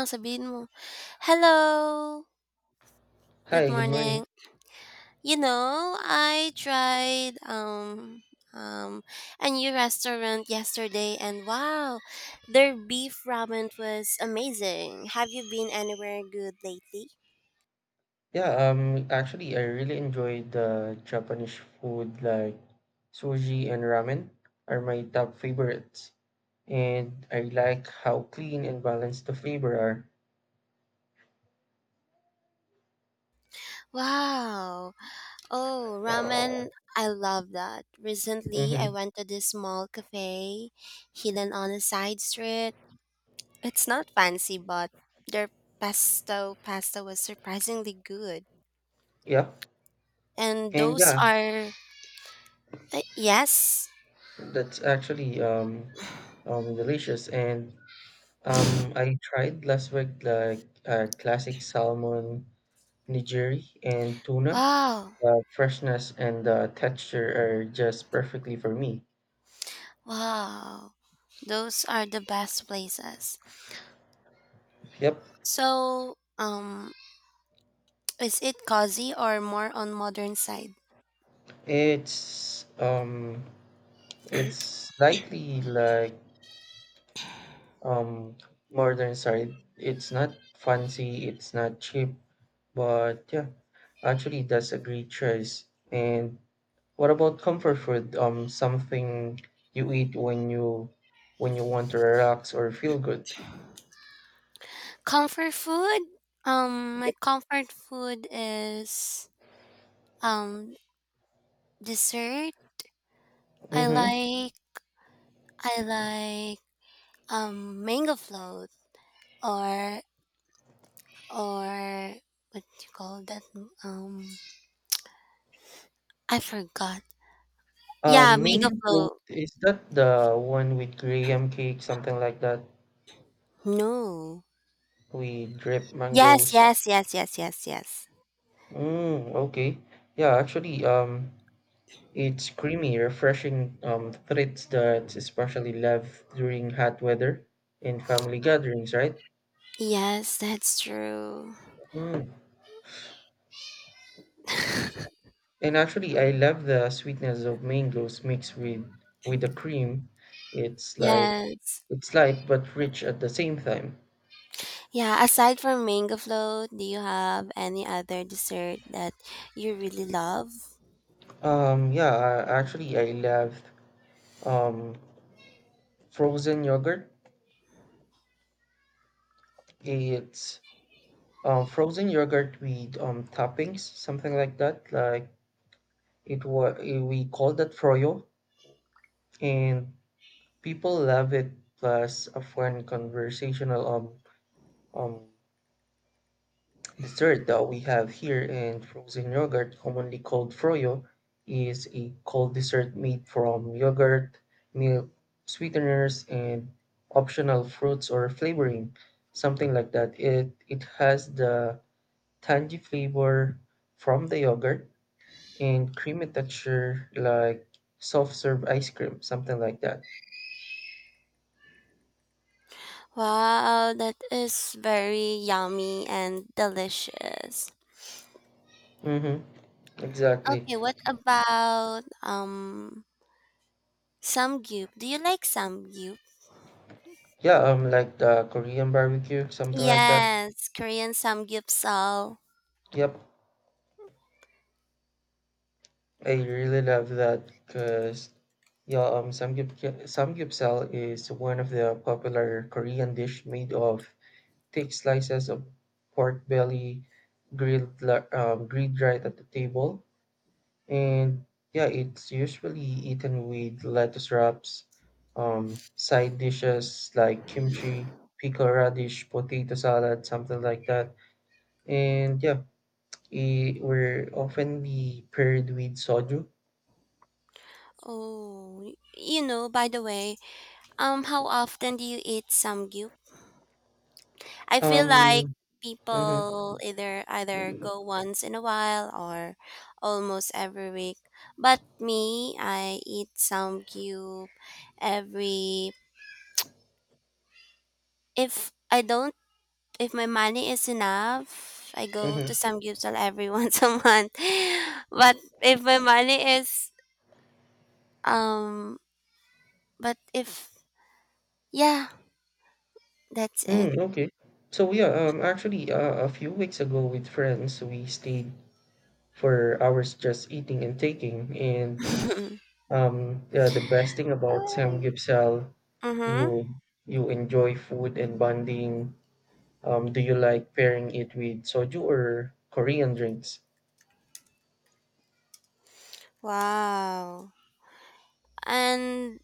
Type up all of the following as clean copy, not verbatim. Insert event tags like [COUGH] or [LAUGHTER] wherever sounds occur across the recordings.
Ang Sabihin mo, "Hello, good Hi, good morning. morning. You know, I tried um a new restaurant yesterday, and wow, their beef ramen was amazing. Have you been anywhere good lately?" Yeah, actually, I really enjoyed the Japanese food like sushi and ramen are my top favorites, and I like how clean and balanced the flavor are. Wow. Oh, ramen. I love that. Recently, I Mm-hmm. went to this small cafe hidden on a side street. It's not fancy, but their pesto pasta was surprisingly good. Yeah, And and those yeah, are, yes. that's actually delicious. And I tried last week like classic salmon nigiri and tuna. Wow. The freshness and the texture are just perfectly for me. Wow. Those are the best places. Yep. So, is it cozy or more on modern side? It's it's slightly like um modern side. It's not fancy, it's not cheap, but yeah, actually that's a great choice. And what about comfort food? Something you eat when you want to relax or feel good. Comfort food? My comfort food is um dessert. I Mm-hmm. like I like mango float, or or what you call that, um I forgot. Yeah, Um, mango mango float, float. is that the one with graham cake, something like that? No. We drip Yes, mangoes. yes, yes, yes, yes, yes. Mm, okay. Yeah, actually, it's creamy, refreshing treats that's especially loved during hot weather and family gatherings, right? Yes, that's true. Mm. And actually, I love the sweetness of mangoes mixed with the cream. It's like Yes. it's light but rich at the same time. Yeah, aside from mango float, do you have any other dessert that you really love? Yeah, actually, I love um frozen yogurt. It's frozen yogurt with toppings, something like that, like it was, we call that froyo, and people love it. Plus, a fun conversational um dessert that we have here, and frozen yogurt, commonly called froyo, is a cold dessert made from yogurt, milk, sweeteners, and optional fruits or flavoring, something like that. It has the tangy flavor from the yogurt and creamy texture like soft serve ice cream, something like that. Wow, that is very yummy and delicious. Mm-hmm. Exactly. Okay, what about samgyup? Do you like samgyup? Yeah, like the Korean barbecue, something like that. Yes, Korean samgyeopsal. Yep, I really love that because yeah, samgyeopsal is one of the popular Korean dish made of thick slices of pork belly grilled right at the table. And yeah, it's usually eaten with lettuce wraps, side dishes like kimchi, pickled radish, potato salad, something like that. And yeah, it were often be paired with soju. Oh, you know, by the way, how often do you eat samgyup? I feel like Um, mm-hmm, people either go once in a while or almost every week. But me, I eat some cube every, if I don't, if my money is enough, I go to mm-hmm. some cubes every [LAUGHS] once a month. But if my money is um but if, yeah, that's it. Mm, okay. So yeah, a few weeks ago with friends, we stayed for hours just eating and taking. And [LAUGHS] yeah, the best thing about Ay. Samgyeopsal, Mhm. you you enjoy food and bonding. Do you like pairing it with soju or Korean drinks? Wow. And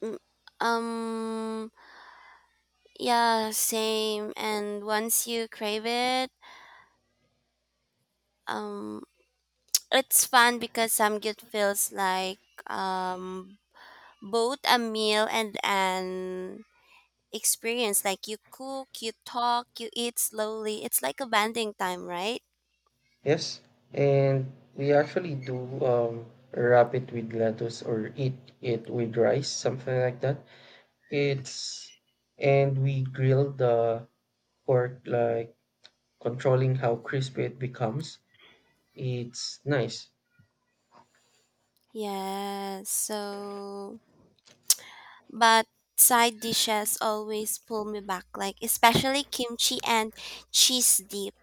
mm, um, yeah, same. And once you crave it, um, it's fun because samgyup feels like um both a meal and an experience. Like you cook, you talk, you eat slowly. It's like a bonding time, right? Yes, and we actually do, um, wrap it with lettuce or eat it with rice, something like that. It's, and we grill the pork, like controlling how crispy it becomes. It's nice. Yeah. So, but side dishes always pull me back. Like especially kimchi and cheese dip.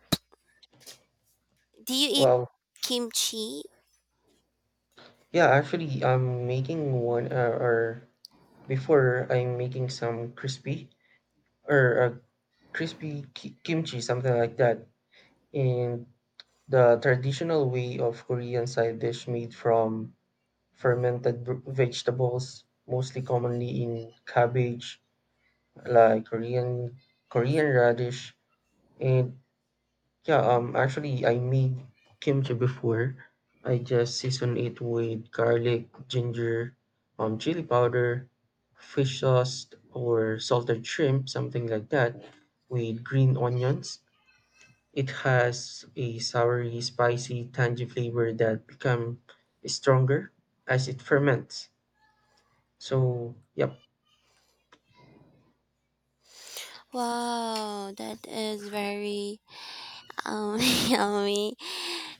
Do you eat Well, kimchi? yeah, actually, I'm making one, or before I'm making some crispy or a crispy kimchi, something like that, in the traditional way of Korean side dish made from fermented vegetables, mostly commonly in cabbage, like Korean radish. And yeah, actually, I made kimchi before. I just season it with garlic, ginger, chili powder, fish sauce, or salted shrimp, something like that, with green onions. It has a soury, spicy, tangy flavor that become stronger as it ferments. So, yep, Wow, that is very Um, [LAUGHS] yummy.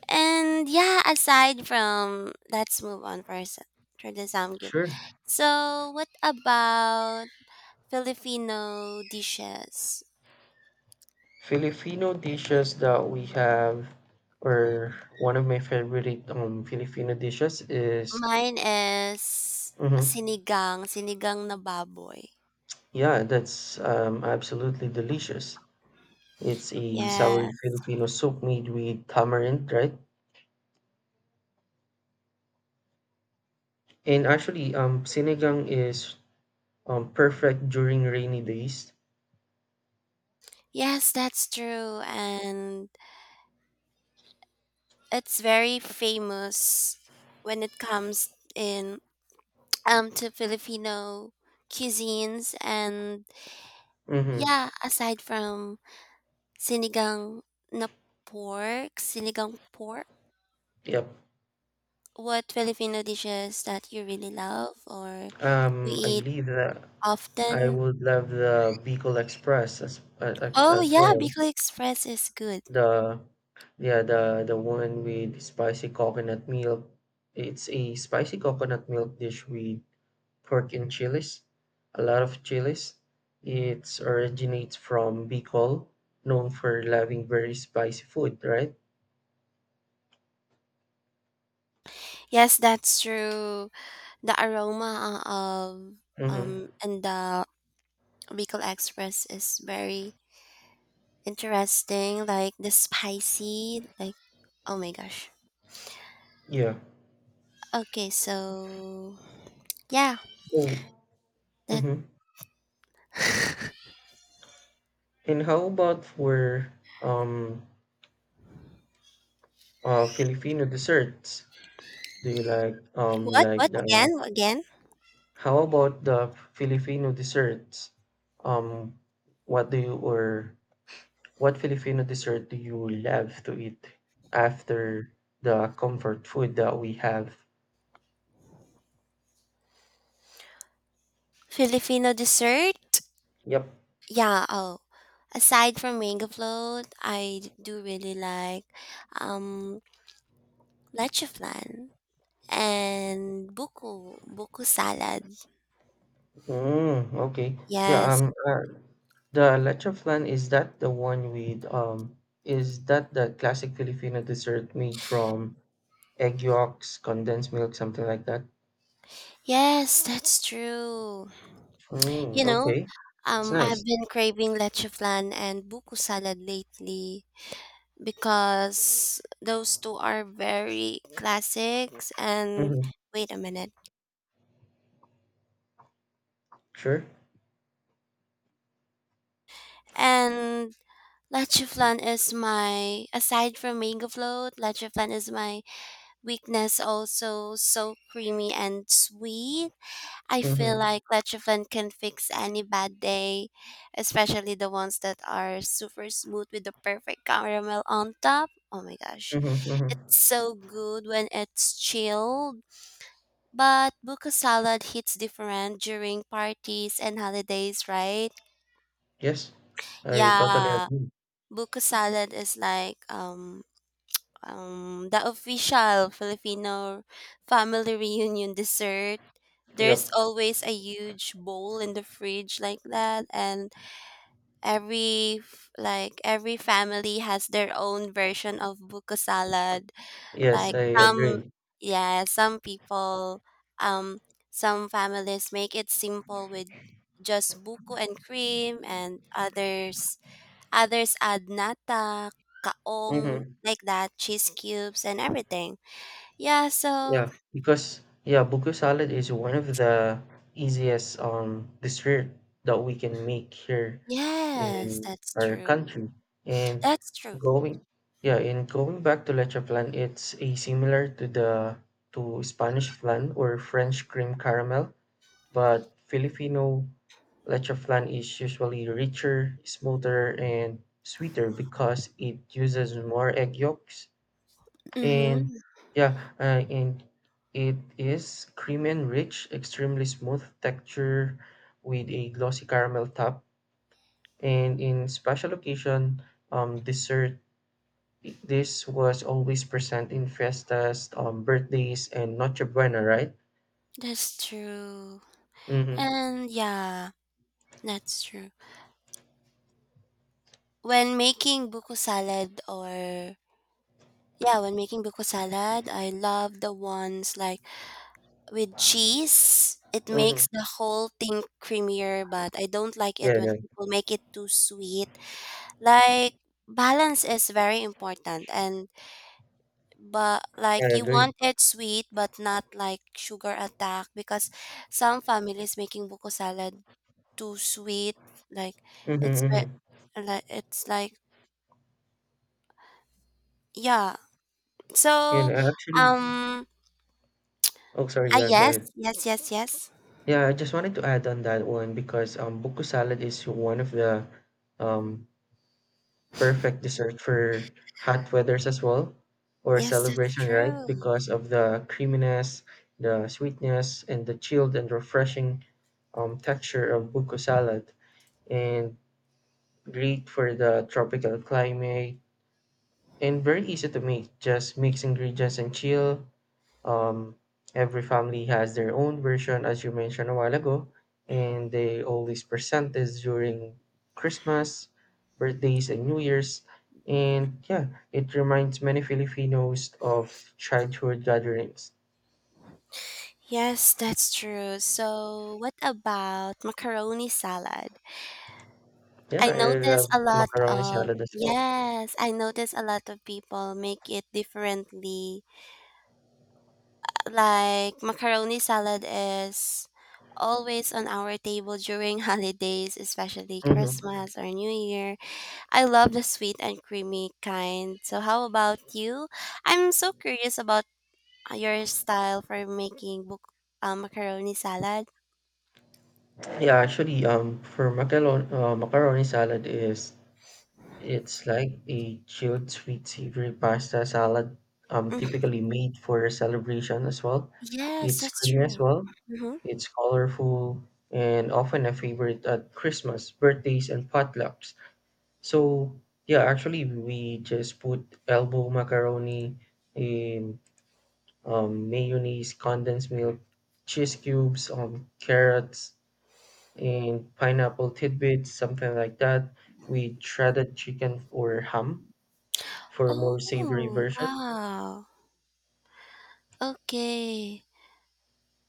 And yeah, aside from, let's move on first for the samgyup. sure. So, what about Filipino dishes? Filipino dishes that we have, or one of my favorite Filipino dishes is, Mine is mhm, sinigang, sinigang na baboy. yeah, that's absolutely delicious. It's a sour Yes. Filipino soup made with tamarind, right? And actually, sinigang is perfect during rainy days. Yes, that's true, and it's very famous when it comes in to Filipino cuisines. And Mm-hmm. yeah, aside from sinigang na pork, sinigang pork? Yep. What Filipino dishes that you really love or you I eat believe that I often? would love the Bicol Express Oh as yeah, well. Bicol Express is good. The yeah the one with spicy coconut milk. It's a spicy coconut milk dish with pork and chilies, a lot of chilies. It originates from Bicol, known for loving very spicy food, right? Yes, that's true. The aroma, of Mm-hmm. And the Bicol Express is very interesting. Like the spicy, like oh my gosh. Yeah. Okay, so yeah, Oh, that. mm-hmm. [LAUGHS] And how about for um Filipino desserts? Do you what like what the again? Again? how about the Filipino desserts? Um, what do you, or what Filipino dessert do you love to eat after the comfort food that we have? Filipino dessert? Yep. Yeah, oh. Aside from mango float, I do really like um leche and buku salad. Mm, okay. Yeah, Yes. The leche flan, is that the one with is that the classic Filipino dessert made from egg yolks, condensed milk, something like that? Yes, that's true. Mm, You know, okay. It's I've nice. been craving leche and buku salad lately because those two are very classics, and Mm-hmm. wait a minute. Sure. And leche is my, aside from mango float, leche is my weakness. Also so creamy and sweet. I feel Mhm, like Lechofen can fix any bad day, especially the ones that are super smooth with the perfect caramel on top. Oh my gosh. mhm, mhm. It's so good when it's chilled. But buko salad hits different during parties and holidays, right? Yes, I totally Yeah. agree. Buko salad is like the official Filipino family reunion dessert. Yep. There's always a huge bowl in the fridge like that, and every like every family has their own version of buko salad. Yes, Like I some, agree. yeah, some people, um, some families make it simple with just buko and cream, and others others add nata, kaong, Hmm. like that, cheese cubes and everything. Yeah, so Yeah, because yeah, buku salad is one of the easiest dessert that we can make here yes, in that's our true. country. And That's true. going going back to leche flan, it's a similar to the to Spanish flan or French cream caramel, but Filipino lechoflan is usually richer, smoother, and sweeter because it uses more egg yolks. And Mhm. yeah, and it is creamy and rich, extremely smooth texture with a glossy caramel top. And in special occasion, dessert. This was always present in festas, birthdays, and Noche Buena, right? That's true. Mm-hmm. And yeah, that's true. When making buko salad, or yeah, when making buko salad, I love the ones like with cheese. It makes Mm-hmm. the whole thing creamier, but I don't like it Yeah, when yeah, people make it too sweet. Like balance is very important, and but I like you agree. want it sweet but not like sugar attack because some families making buko salad too sweet, like Mm-hmm, it's mm-hmm. like it's like yeah. And So I actually, um oh sorry, ah yeah, go yes, ahead. yes, yes, yes. Yeah, I just wanted to add on that one because buko salad is one of the um perfect dessert for hot weathers as well, or Yes, that's celebration, right? true. Because of the creaminess, the sweetness, and the chilled and refreshing texture of buko salad, and great for the tropical climate, and very easy to make. Just mix ingredients and chill. Um, every family has their own version, as you mentioned a while ago, and they always present this during Christmas, birthdays, and New Year's. And yeah, it reminds many Filipinos of childhood gatherings. Yes, that's true. So, what about macaroni salad? Yeah, I I notice love a lot macaroni of, salad as well. yes, I notice a lot of people make it differently. Like macaroni salad is always on our table during [LAUGHS] holidays, especially Hmm. Christmas or New Year. I love the sweet and creamy kind. So how about you? I'm so curious about your style for making book macaroni salad. Yeah, actually, macaroni salad is it's like a chilled sweet savory pasta salad, Mhm. typically made for a celebration as well. Yes, It's that's creamy as true. well. Hmm. It's colorful and often a favorite at Christmas, birthdays, and potlucks. So yeah, actually we just put elbow macaroni in mayonnaise, condensed milk, cheese cubes, carrots, and pineapple tidbits, something like that. We shredded chicken or ham for a more savory Oh, version. wow. Okay.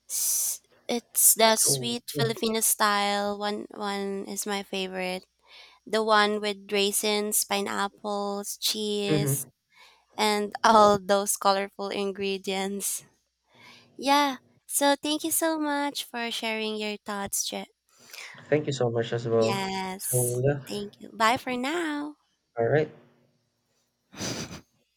S- it's the So sweet yeah, Filipino style. One is my favorite. The one with raisins, pineapples, cheese, hmm, and [LAUGHS] all those colorful ingredients. Yeah. So thank you so much for sharing your thoughts. Je- thank you so much as well. yes. So yeah, Thank you. Bye for now. all right.